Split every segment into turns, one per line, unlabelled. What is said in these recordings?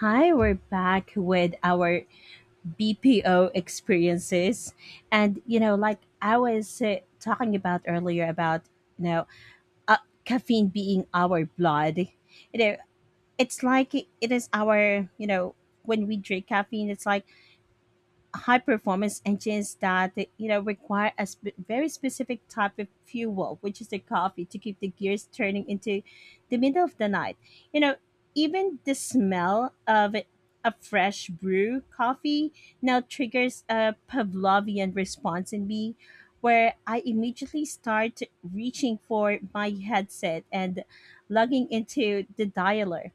Hi, we're back with our BPO experiences. And, like I was talking about earlier about, you know, uh, caffeine being our blood. It's like it is our, you know, when we drink caffeine, it's like high performance engines that require a very specific type of fuel, which is the coffee to keep the gears turning into the middle of the night you know Even the smell of a fresh brew coffee now triggers a pavlovian response in me, where I immediately start reaching for my headset and logging into the dialer.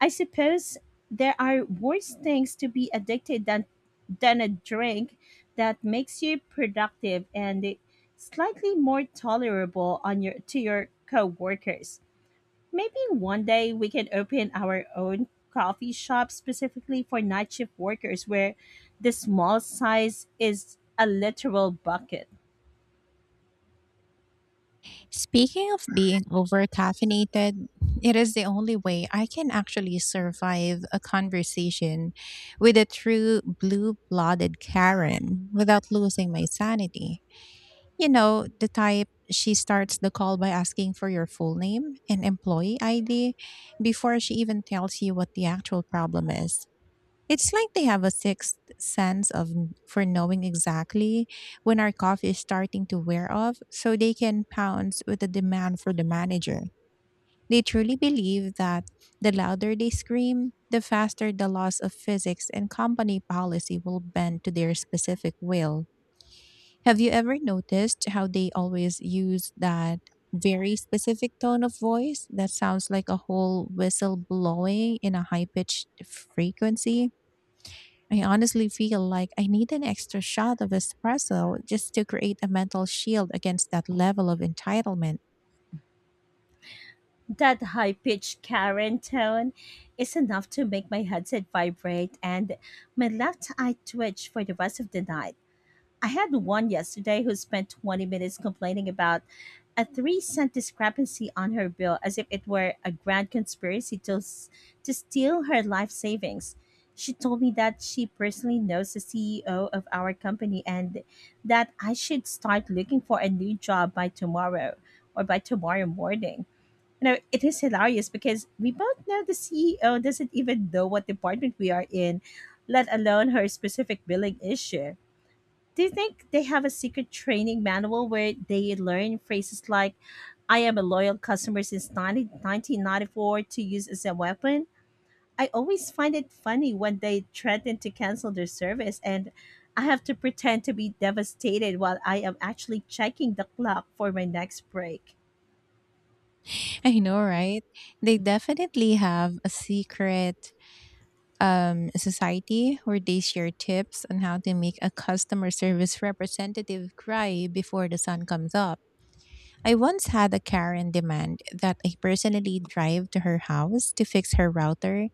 I suppose there are worse things to be addicted than a drink that makes you productive and slightly more tolerable on your coworkers. Maybe one day we can open our own coffee shop specifically for night shift workers where the small size is a literal bucket.
Speaking of being over caffeinated, it is the only way I can actually survive a conversation with a true blue blooded Karen without losing my sanity. You know, the type she starts the call by asking for your full name and employee ID before she even tells you what the actual problem is. It's like they have a sixth sense of for knowing exactly when our coffee is starting to wear off so they can pounce with a demand for the manager. They truly believe that the louder they scream, the faster the laws of physics and company policy will bend to their specific will. Have you ever noticed how they always use that very specific tone of voice that sounds like a whole whistle blowing in a high pitched frequency? I honestly feel like I need an extra shot of espresso just to create a mental shield against that level of entitlement.
That high pitched Karen tone is enough to make my headset vibrate and my left eye twitch for the rest of the night. I had one yesterday who spent 20 minutes complaining about a 3 cent discrepancy on her bill as if it were a grand conspiracy to steal her life savings. She told me that she personally knows the CEO of our company, and that I should start looking for a new job by tomorrow, or by tomorrow morning. It is hilarious because we both know the CEO doesn't even know what department we are in, let alone her specific billing issue. Do you think they have a secret training manual where they learn phrases like, I am a loyal customer since 1994, to use as a weapon? I always find it funny when they threaten to cancel their service and I have to pretend to be devastated while I am actually checking the clock for my next break.
I know, right? They definitely have a secret society where they share tips on how to make a customer service representative cry before the sun comes up. I once had a Karen demand that I personally drive to her house to fix her router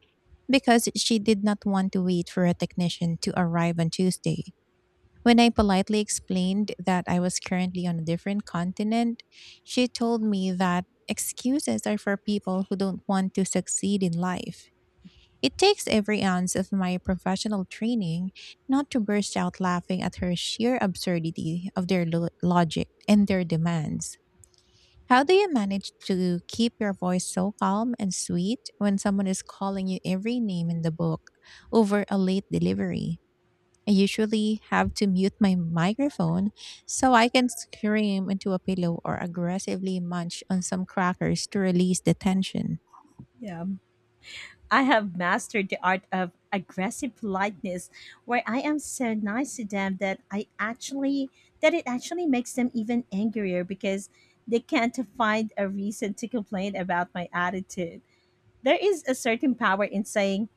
because she did not want to wait for a technician to arrive on Tuesday. When I politely explained that I was currently on a different continent, she told me that excuses are for people who don't want to succeed in life. It takes every ounce of my professional training not to burst out laughing at her sheer absurdity of their logic and their demands. How do you manage to keep your voice so calm and sweet when someone is calling you every name in the book over a late delivery? I usually have to mute my microphone so I can scream into a pillow or aggressively munch on some crackers to release the tension.
Yeah. I have mastered the art of aggressive politeness, where I am so nice to them that I actually that it actually makes them even angrier because they can't find a reason to complain about my attitude. There is a certain power in saying,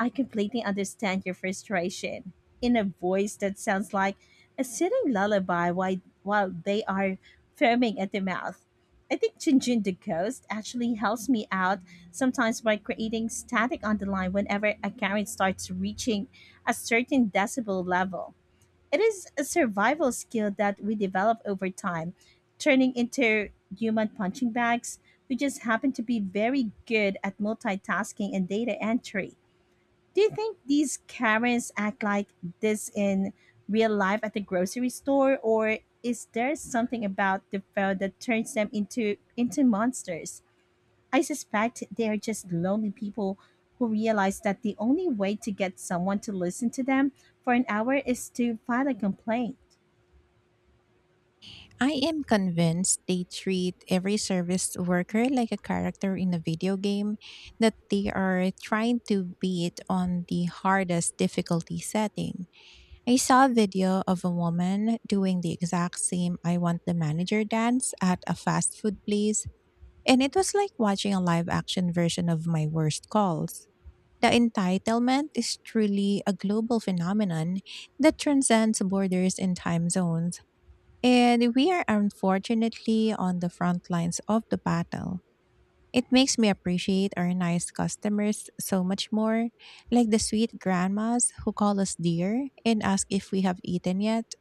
I completely understand your frustration, in a voice that sounds like a sitting lullaby while they are foaming at the mouth. I think Jinjin the Ghost actually helps me out sometimes by creating static on the line whenever a current starts reaching a certain decibel level. It is a survival skill that we develop over time, turning into human punching bags who just happen to be very good at multitasking and data entry. Do you think these Karens act like this in real life at the grocery store, or is there something about the food that turns them into monsters? I suspect they are just lonely people who realize that the only way to get someone to listen to them for an hour is to file a complaint.
I am convinced they treat every service worker like a character in a video game that they are trying to beat on the hardest difficulty setting. I saw a video of a woman doing the exact same "I want the manager" dance at a fast food place, and it was like watching a live action version of my worst calls. The entitlement is truly a global phenomenon that transcends borders and time zones. And we are unfortunately on the front lines of the battle. It makes me appreciate our nice customers so much more, like the sweet grandmas who call us dear and ask if we have eaten yet.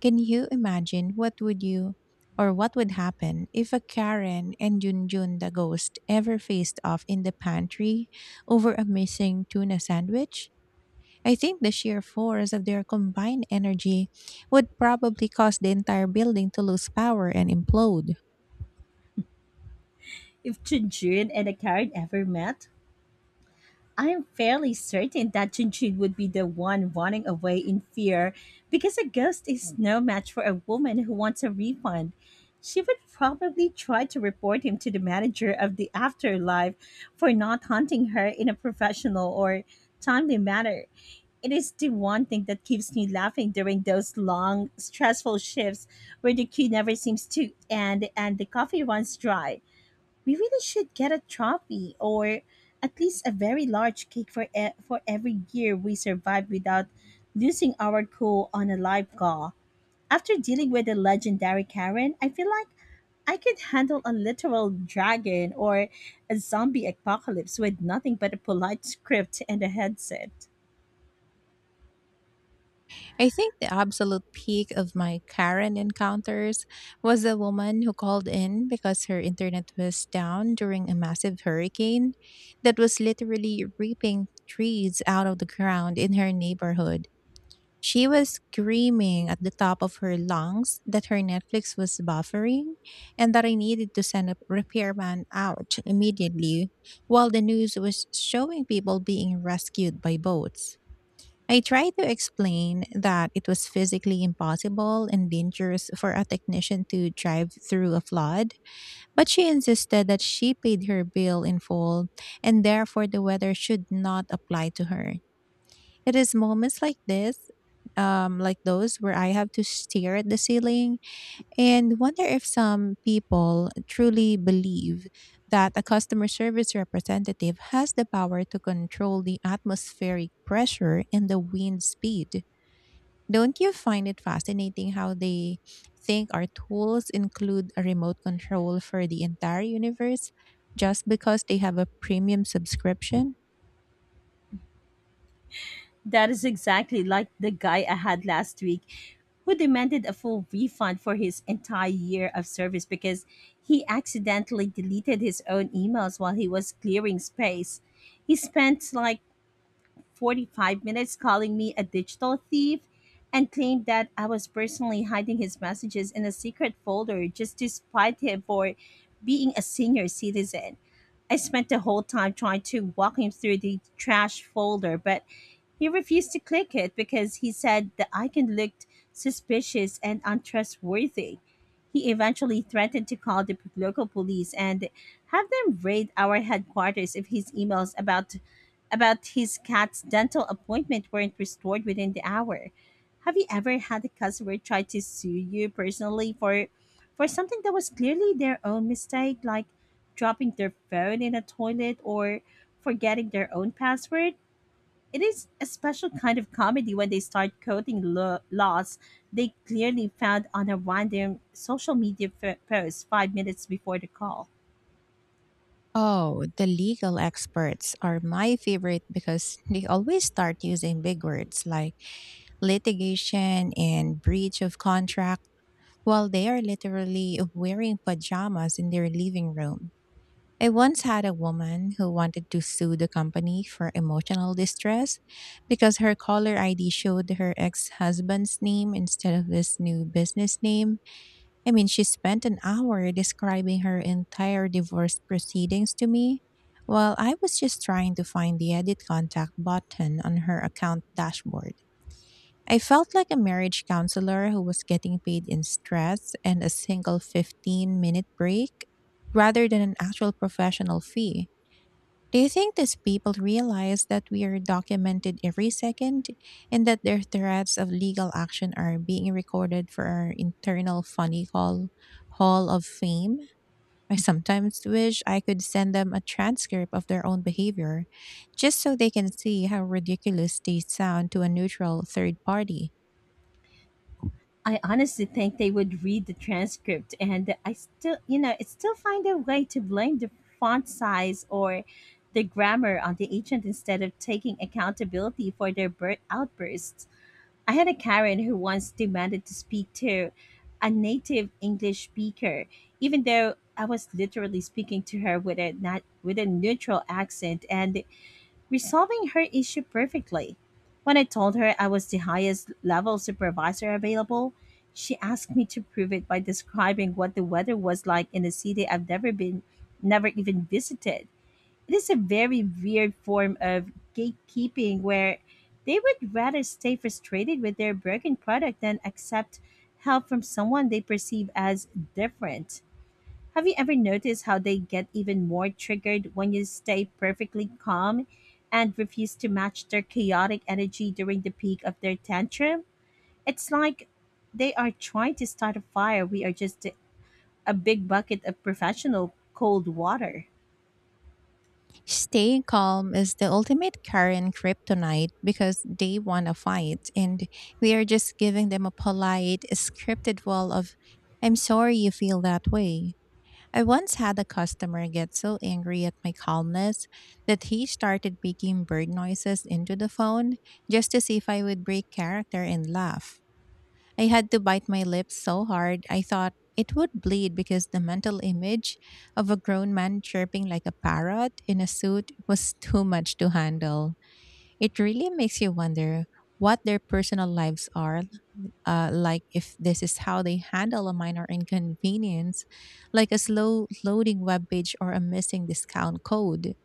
Can you imagine what would you, or what would happen if a Karen and Junjun the ghost ever faced off in the pantry over a missing tuna sandwich? I think the sheer force of their combined energy would probably cause the entire building to lose power and implode.
If Jun and a Karen ever met, I'm fairly certain that Junjun would be the one running away in fear, because a ghost is no match for a woman who wants a refund. She would probably try to report him to the manager of the afterlife for not hunting her in a professional or timely manner. It is the one thing that keeps me laughing during those long, stressful shifts where the queue never seems to end and the coffee runs dry. We really should get a trophy, or at least a very large cake, for every year we survived without losing our cool on a live call. After dealing with the legendary Karen, I feel like I could handle a literal dragon or a zombie apocalypse with nothing but a polite script and a headset.
I think the absolute peak of my Karen encounters was a woman who called in because her internet was down during a massive hurricane that was literally ripping trees out of the ground in her neighborhood. She was screaming at the top of her lungs that her Netflix was buffering and that I needed to send a repairman out immediately while the news was showing people being rescued by boats. I tried to explain that it was physically impossible and dangerous for a technician to drive through a flood, but she insisted that she paid her bill in full and therefore the weather should not apply to her. It is moments like like those where I have to stare at the ceiling and wonder if some people truly believe that a customer service representative has the power to control the atmospheric pressure and the wind speed. Don't you find it fascinating how they think our tools include a remote control for the entire universe just because they have a premium subscription?
That is exactly like the guy I had last week, who demanded a full refund for his entire year of service because he accidentally deleted his own emails while he was clearing space. He spent like 45 minutes calling me a digital thief and claimed that I was personally hiding his messages in a secret folder, just to spite him for being a senior citizen. I spent the whole time trying to walk him through the trash folder, but he refused to click it because he said the icon looked suspicious and untrustworthy. He eventually threatened to call the local police and have them raid our headquarters if his emails about his cat's dental appointment weren't restored within the hour. Have you ever had a customer try to sue you personally for something that was clearly their own mistake, like dropping their phone in a toilet or forgetting their own password? It is a special kind of comedy when they start quoting laws they clearly found on a random social media post 5 minutes before the call.
Oh, the legal experts are my favorite because they always start using big words like litigation and breach of contract while they are literally wearing pajamas in their living room. I once had a woman who wanted to sue the company for emotional distress because her caller ID showed her ex husband's name instead of his new business name. I mean, she spent an hour describing her entire divorce proceedings to me while I was just trying to find the edit contact button on her account dashboard. I felt like a marriage counselor who was getting paid in stress and a single 15-minute break rather than an actual professional fee. Do you think these people realize that we are documented every second, and that their threats of legal action are being recorded for our internal funny call hall of fame? I sometimes wish I could send them a transcript of their own behavior, just so they can see how ridiculous they sound to a neutral third party.
I honestly think they would read the transcript and I still, you know, it still find a way to blame the font size or the grammar on the agent instead of taking accountability for their outbursts. I had a Karen who once demanded to speak to a native English speaker, even though I was literally speaking to her with a not with a neutral accent and resolving her issue perfectly. When I told her I was the highest level supervisor available, she asked me to prove it by describing what the weather was like in a city I've never been, never even visited. It is a very weird form of gatekeeping, where they would rather stay frustrated with their broken product than accept help from someone they perceive as different. Have you ever noticed how they get even more triggered when you stay perfectly calm and refuse to match their chaotic energy during the peak of their tantrum? It's like they are trying to start a fire. We are just a big bucket of professional cold water.
Staying calm is the ultimate Karen kryptonite because they want to fight and we are just giving them a polite, scripted wall of, "I'm sorry you feel that way." I once had a customer get so angry at my calmness that he started making bird noises into the phone just to see if I would break character and laugh. I had to bite my lips so hard I thought it would bleed, because the mental image of a grown man chirping like a parrot in a suit was too much to handle. It really makes you wonder what their personal lives are like. If this is how they handle a minor inconvenience like a slow loading web page or a missing discount code,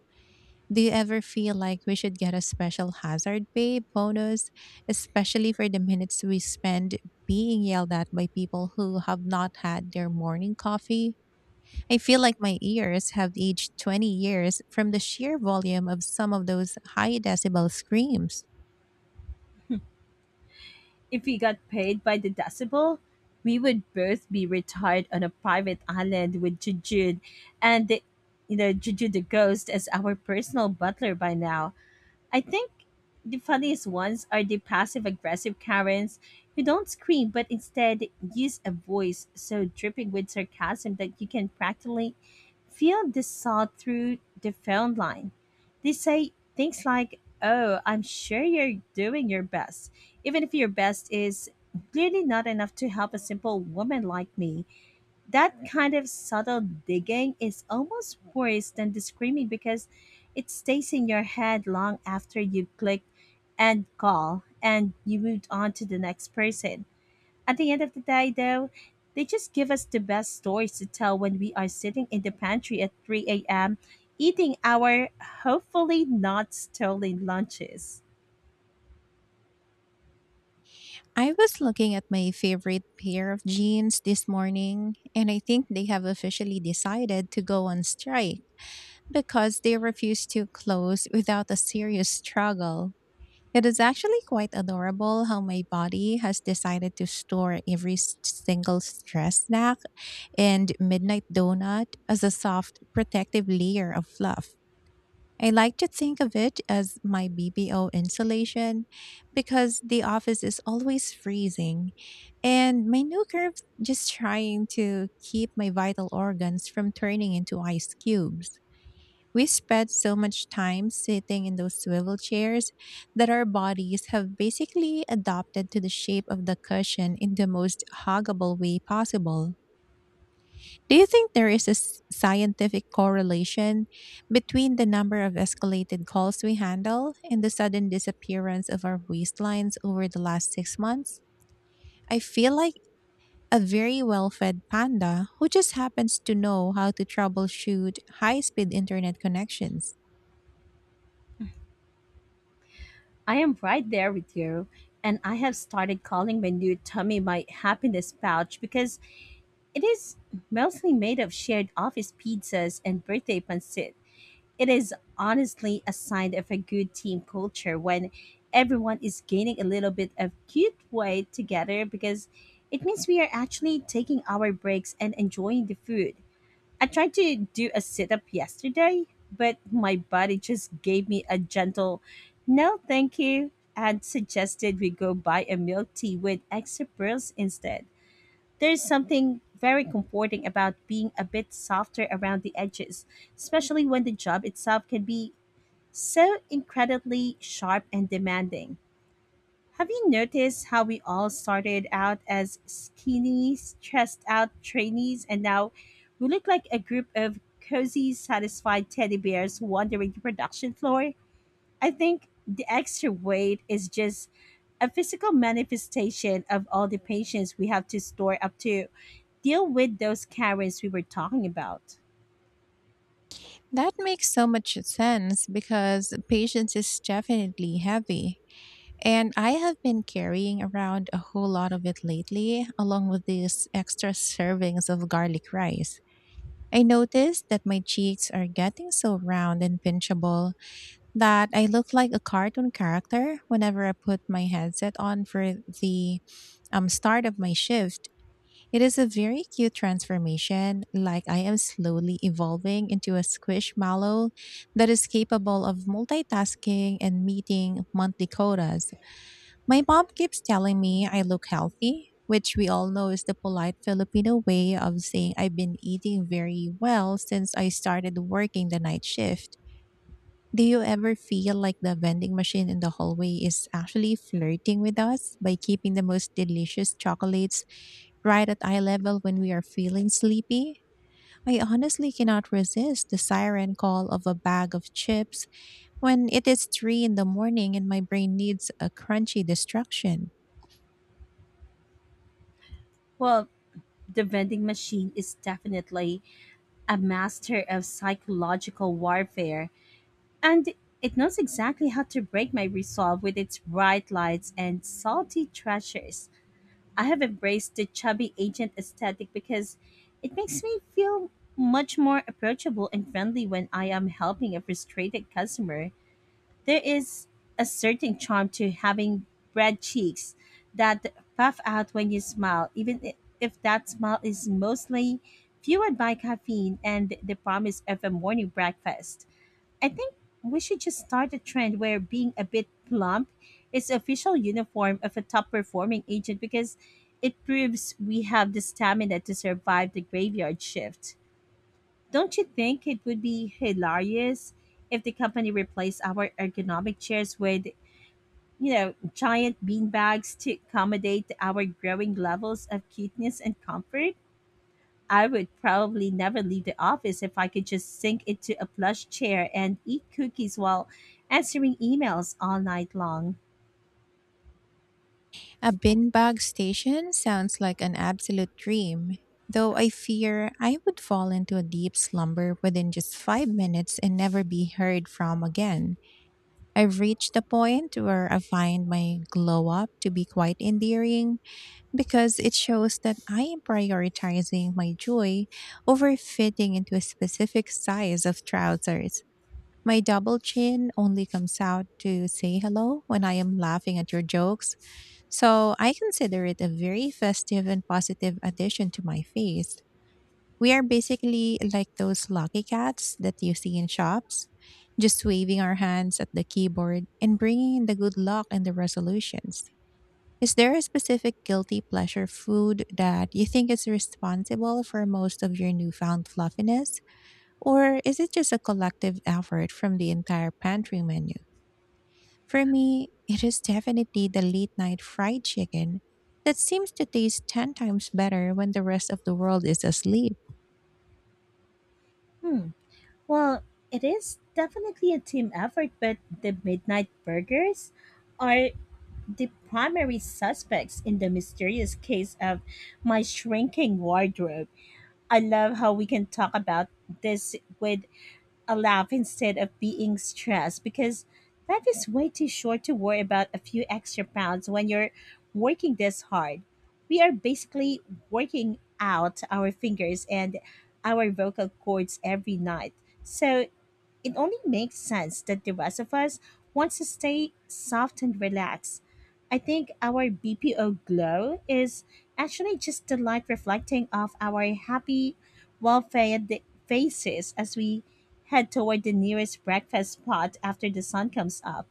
do you ever feel like we should get a special hazard pay bonus, especially for the minutes we spend being yelled at by people who have not had their morning coffee? I feel like my ears have aged 20 years from the sheer volume of some of those high decibel screams.
If we got paid by the decibel, we would both be retired on a private island with Jujud and the, you know Juju the ghost as our personal butler by now. I think the funniest ones are the passive aggressive Karens, who don't scream but instead use a voice so dripping with sarcasm that you can practically feel the saw through the phone line. They say things like, Oh, I'm sure you're doing your best, even if your best is clearly not enough to help a simple woman like me. That kind of subtle digging is almost worse than the screaming, because it stays in your head long after you've clicked end call and you moved on to the next person. At the end of the day, though, they just give us the best stories to tell when we are sitting in the pantry at 3 a.m., eating our hopefully not stolen lunches.
I was looking at my favorite pair of jeans this morning, and I think they have officially decided to go on strike because they refuse to close without a serious struggle. It is actually quite adorable how my body has decided to store every single stress snack and midnight donut as a soft protective layer of fluff. I like to think of it as my BBO insulation, because the office is always freezing and my new curves just trying to keep my vital organs from turning into ice cubes. We spend so much time sitting in those swivel chairs that our bodies have basically adopted to the shape of the cushion in the most huggable way possible. Do you think there is a scientific correlation between the number of escalated calls we handle and the sudden disappearance of our waistlines over the last six months? I feel like a very well fed panda who just happens to know how to troubleshoot high speed internet connections.
I am right there with you, and I have started calling my new tummy my happiness pouch because it is mostly made of shared office pizzas and birthday pancit. It is honestly a sign of a good team culture when everyone is gaining a little bit of cute weight together, because it means we are actually taking our breaks and enjoying the food. I tried to do a sit up yesterday, but my body just gave me a gentle no, thank you, and suggested we go buy a milk tea with extra pearls instead. There's something very comforting about being a bit softer around the edges, especially when the job itself can be so incredibly sharp and demanding. Have you noticed how we all started out as skinny, stressed out trainees, and now we look like a group of cozy, satisfied teddy bears wandering the production floor? I think the extra weight is just a physical manifestation of all the patience we have to store up to deal with those Karens we were talking about.
That makes so much sense, because patience is definitely heavy. And I have been carrying around a whole lot of it lately, along with these extra servings of garlic rice. I noticed that my cheeks are getting so round and pinchable that I look like a cartoon character whenever I put my headset on for the start of my shift. It is a very cute transformation, like I am slowly evolving into a squishmallow that is capable of multitasking and meeting monthly quotas. My mom keeps telling me I look healthy, which we all know is the polite Filipino way of saying I've been eating very well since I started working the night shift. Do you ever feel like the vending machine in the hallway is actually flirting with us by keeping the most delicious chocolates right at eye level when we are feeling sleepy? I honestly cannot resist the siren call of a bag of chips when it is 3 a.m. in the morning and my brain needs a crunchy distraction.
Well, the vending machine is definitely a master of psychological warfare, and it knows exactly how to break my resolve with its bright lights and salty treasures. I have embraced the chubby agent aesthetic because it makes me feel much more approachable and friendly when I am helping a frustrated customer. There is a certain charm to having red cheeks that puff out when you smile, if that smile is mostly fueled by caffeine and the promise of a morning breakfast. I think we should just start a trend where being a bit plump is the official uniform of a top performing agent, because it proves we have the stamina to survive the graveyard shift. Don't you think it would be hilarious if the company replaced our ergonomic chairs with giant beanbags to accommodate our growing levels of cuteness and comfort? I would probably never leave the office if I could just sink into a plush chair and eat cookies while answering emails all night long.
A bin bag station sounds like an absolute dream, though I fear I would fall into a deep slumber within just five minutes and never be heard from again. I've reached the point where I find my glow up to be quite endearing, because it shows that I am prioritizing my joy over fitting into a specific size of trousers. My double chin only comes out to say hello when I am laughing at your jokes, so I consider it a very festive and positive addition to my face. We are basically like those lucky cats that you see in shops, just waving our hands at the keyboard and bringing in the good luck and the resolutions. Is there a specific guilty pleasure food that you think is responsible for most of your newfound fluffiness? Or is it just a collective effort from the entire pantry menu? For me, it is definitely the late night fried chicken that seems to taste 10 times better when the rest of the world is asleep.
Hmm. Well, it is definitely a team effort, but the midnight burgers are the primary suspects in the mysterious case of my shrinking wardrobe. I love how we can talk about this with a laugh instead of being stressed because life is way too short to worry about a few extra pounds when you're working this hard. We are basically working out our fingers and our vocal cords every night. So it only makes sense that the rest of us wants to stay soft and relaxed. I think our BPO glow is actually just the light reflecting off our happy, well fed faces as we head toward the nearest breakfast spot after the sun comes up.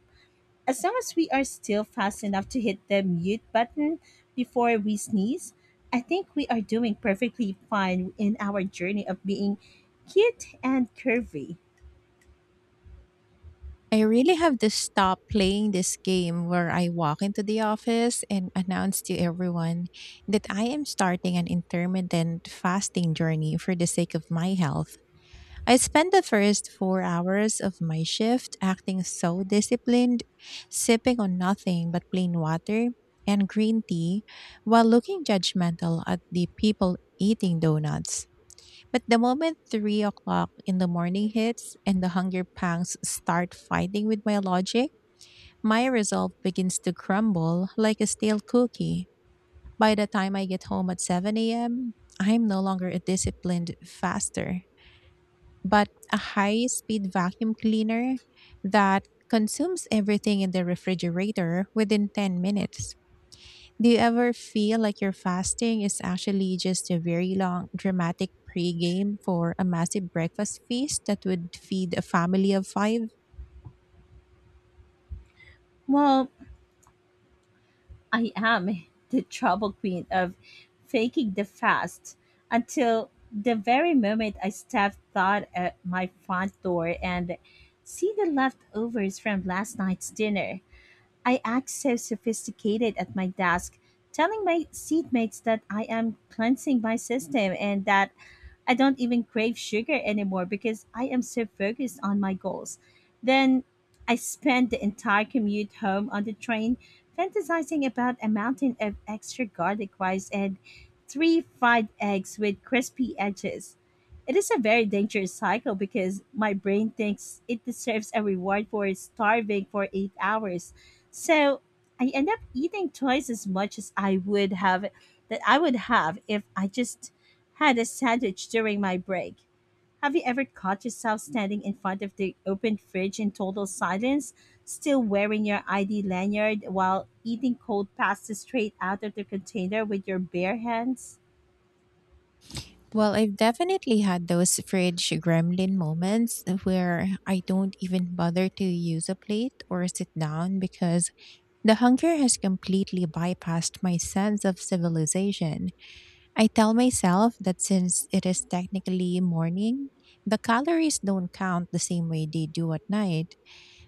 As long as we are still fast enough to hit the mute button before we sneeze, I think we are doing perfectly fine in our journey of being cute and curvy.
I really have to stop playing this game where I walk into the office and announce to everyone that I am starting an intermittent fasting journey for the sake of my health. I spend the first 4 hours of my shift acting so disciplined, sipping on nothing but plain water and green tea while looking judgmental at the people eating donuts. But the moment 3 o'clock in the morning hits and the hunger pangs start fighting with my logic, my resolve begins to crumble like a stale cookie. By the time I get home at 7 a.m., I'm no longer a disciplined faster, but a high speed vacuum cleaner that consumes everything in the refrigerator within 10 minutes. Do you ever feel like your fasting is actually just a very long, dramatic pregame for a massive breakfast feast that would feed a family of five?
Well, I am the trouble queen of faking the fast until the very moment I step thought at my front door and see the leftovers from last night's dinner. I act so sophisticated at my desk, telling my seatmates that I am cleansing my system and that I don't even crave sugar anymore because I am so focused on my goals. Then I spend the entire commute home on the train fantasizing about a mountain of extra garlic rice and three fried eggs with crispy edges. It is a very dangerous cycle because my brain thinks it deserves a reward for starving for 8 hours, so I end up eating twice as much as I would have if I just had a sandwich during my break. Have you ever caught yourself standing in front of the open fridge in total silence, still wearing your ID lanyard while eating cold pasta straight out of the container with your bare hands?
Well, I've definitely had those fridge gremlin moments where I don't even bother to use a plate or sit down, because the hunger has completely bypassed my sense of civilization. I tell myself that since it is technically morning, the calories don't count the same way they do at night,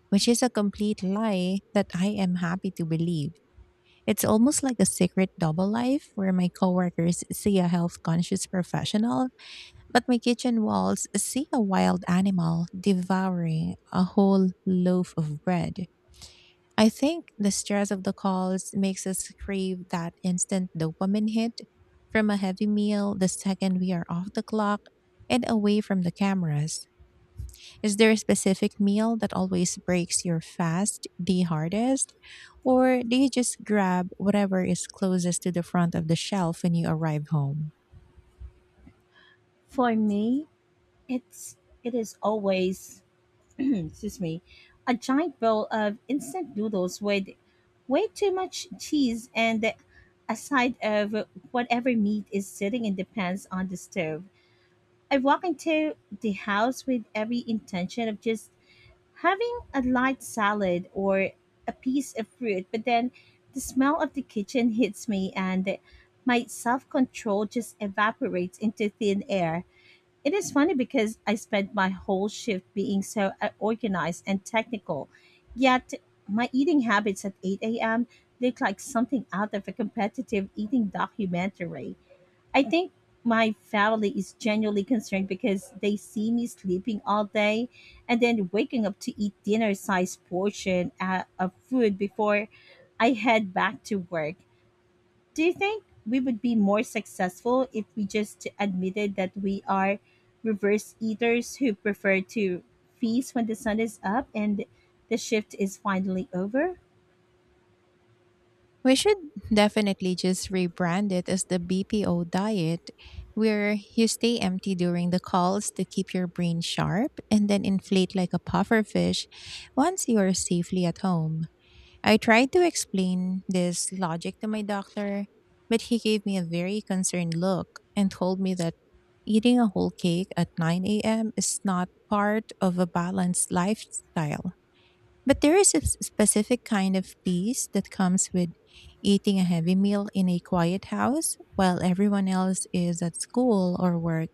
which is a complete lie that I am happy to believe. It's almost like a secret double life where my coworkers see a health conscious professional, but my kitchen walls see a wild animal devouring a whole loaf of bread. I think the stress of the calls makes us crave that instant dopamine hit from a heavy meal the second we are off the clock and away from the cameras. Is there a specific meal that always breaks your fast the hardest? Or do you just grab whatever is closest to the front of the shelf when you arrive home?
For me, it's it is always excuse me, a giant bowl of instant noodles with way too much cheese and a side of whatever meat is sitting in the pans on the stove. I walk into the house with every intention of just having a light salad or a piece of fruit, but then the smell of the kitchen hits me and my self control just evaporates into thin air. It is funny because I spent my whole shift being so organized and technical, yet my eating habits at 8 a.m. look like something out of a competitive eating documentary. I think my family is genuinely concerned because they see me sleeping all day and then waking up to eat dinner sized portion of food before I head back to work. Do you think we would be more successful if we just admitted that we are reverse eaters who prefer to feast when the sun is up and the shift is finally over?
We should definitely just rebrand it as the BPO diet, where you stay empty during the calls to keep your brain sharp and then inflate like a puffer fish once you are safely at home. I tried to explain this logic to my doctor, but he gave me a very concerned look and told me that eating a whole cake at 9 a.m. is not part of a balanced lifestyle. But there is a specific kind of peace that comes with eating a heavy meal in a quiet house while everyone else is at school or work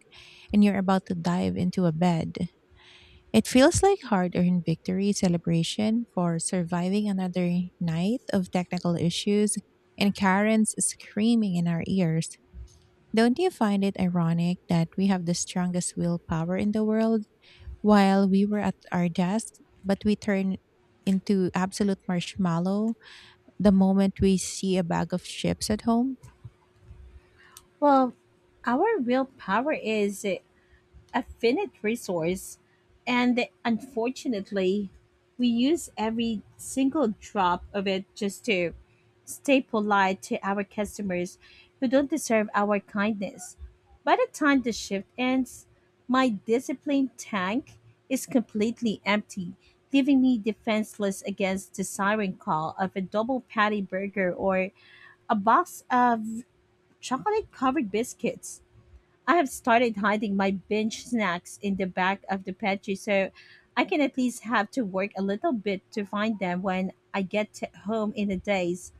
and you're about to dive into a bed. It feels like hard earned victory celebration for surviving another night of technical issues and Karen's screaming in our ears. Don't you find it ironic that we have the strongest willpower in the world while we were at our desk, but we turn into absolute marshmallow the moment we see a bag of chips at home?
Well, our real power is a finite resource, and unfortunately, we use every single drop of it just to stay polite to our customers who don't deserve our kindness. By the time the shift ends, my discipline tank is completely empty, leaving me defenseless against the siren call of a double patty burger or a box of chocolate covered biscuits. I have started hiding my binge snacks in the back of the pantry so I can at least have to work a little bit to find them when I get home in a days.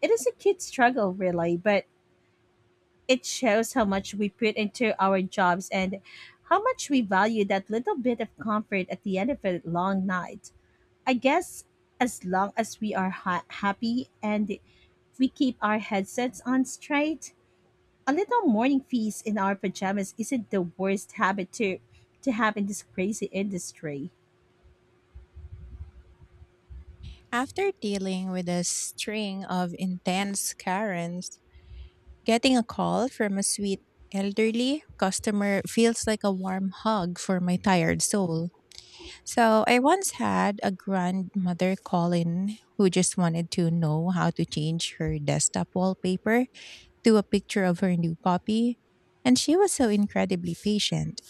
It is a kid struggle really, but it shows how much we put into our jobs and how much we value that little bit of comfort at the end of a long night. I guess as long as we are happy and we keep our headsets on straight, a little morning feast in our pajamas isn't the worst habit to have in this crazy industry.
After dealing with a string of intense Karens, getting a call from a sweet elderly customer feels like a warm hug for my tired soul. So, I once had a grandmother call in who just wanted to know how to change her desktop wallpaper to a picture of her new puppy. And she was so incredibly patient.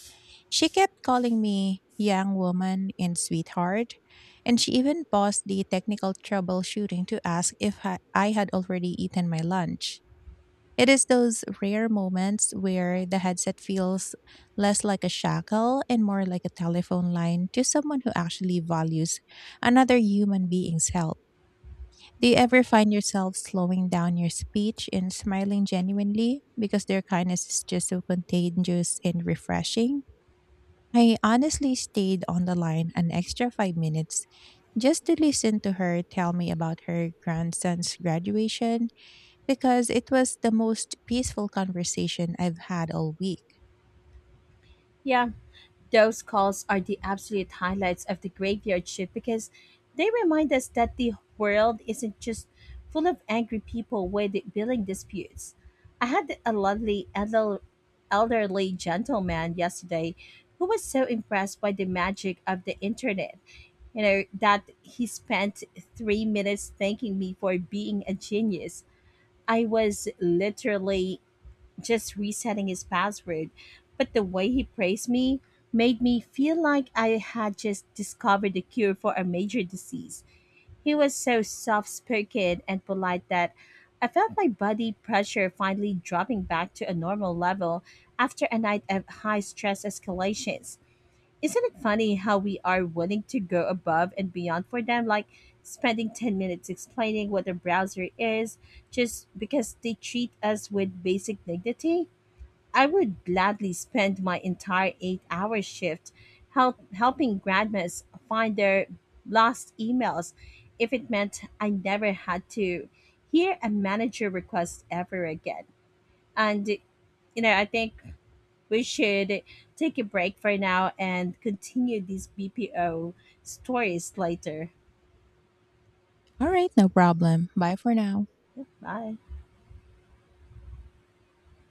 She kept calling me young woman and sweetheart. And she even paused the technical troubleshooting to ask if I had already eaten my lunch. It is those rare moments where the headset feels less like a shackle and more like a telephone line to someone who actually values another human being's help. Do you ever find yourself slowing down your speech and smiling genuinely because their kindness is just so contagious and refreshing? I honestly stayed on the line an extra 5 minutes just to listen to her tell me about her grandson's graduation, because it was the most peaceful conversation I've had all week.
Yeah, those calls are the absolute highlights of the graveyard shift because they remind us that the world isn't just full of angry people with billing disputes. I had a lovely elderly gentleman yesterday who was so impressed by the magic of the internet, you know, that he spent 3 minutes thanking me for being a genius. I was literally just resetting his password, but the way he praised me made me feel like I had just discovered the cure for a major disease. He was so soft spoken and polite that I felt my body pressure finally dropping back to a normal level after a night of high stress escalations. Isn't it funny how we are willing to go above and beyond for them, like spending 10 minutes explaining what a browser is just because they treat us with basic dignity? I would gladly spend my entire 8 hour shift helping grandmas find their lost emails if it meant I never had to hear a manager request ever again. And, you know, I think we should take a break for now and continue these BPO stories later.
All right, no problem. Bye for now.
Bye.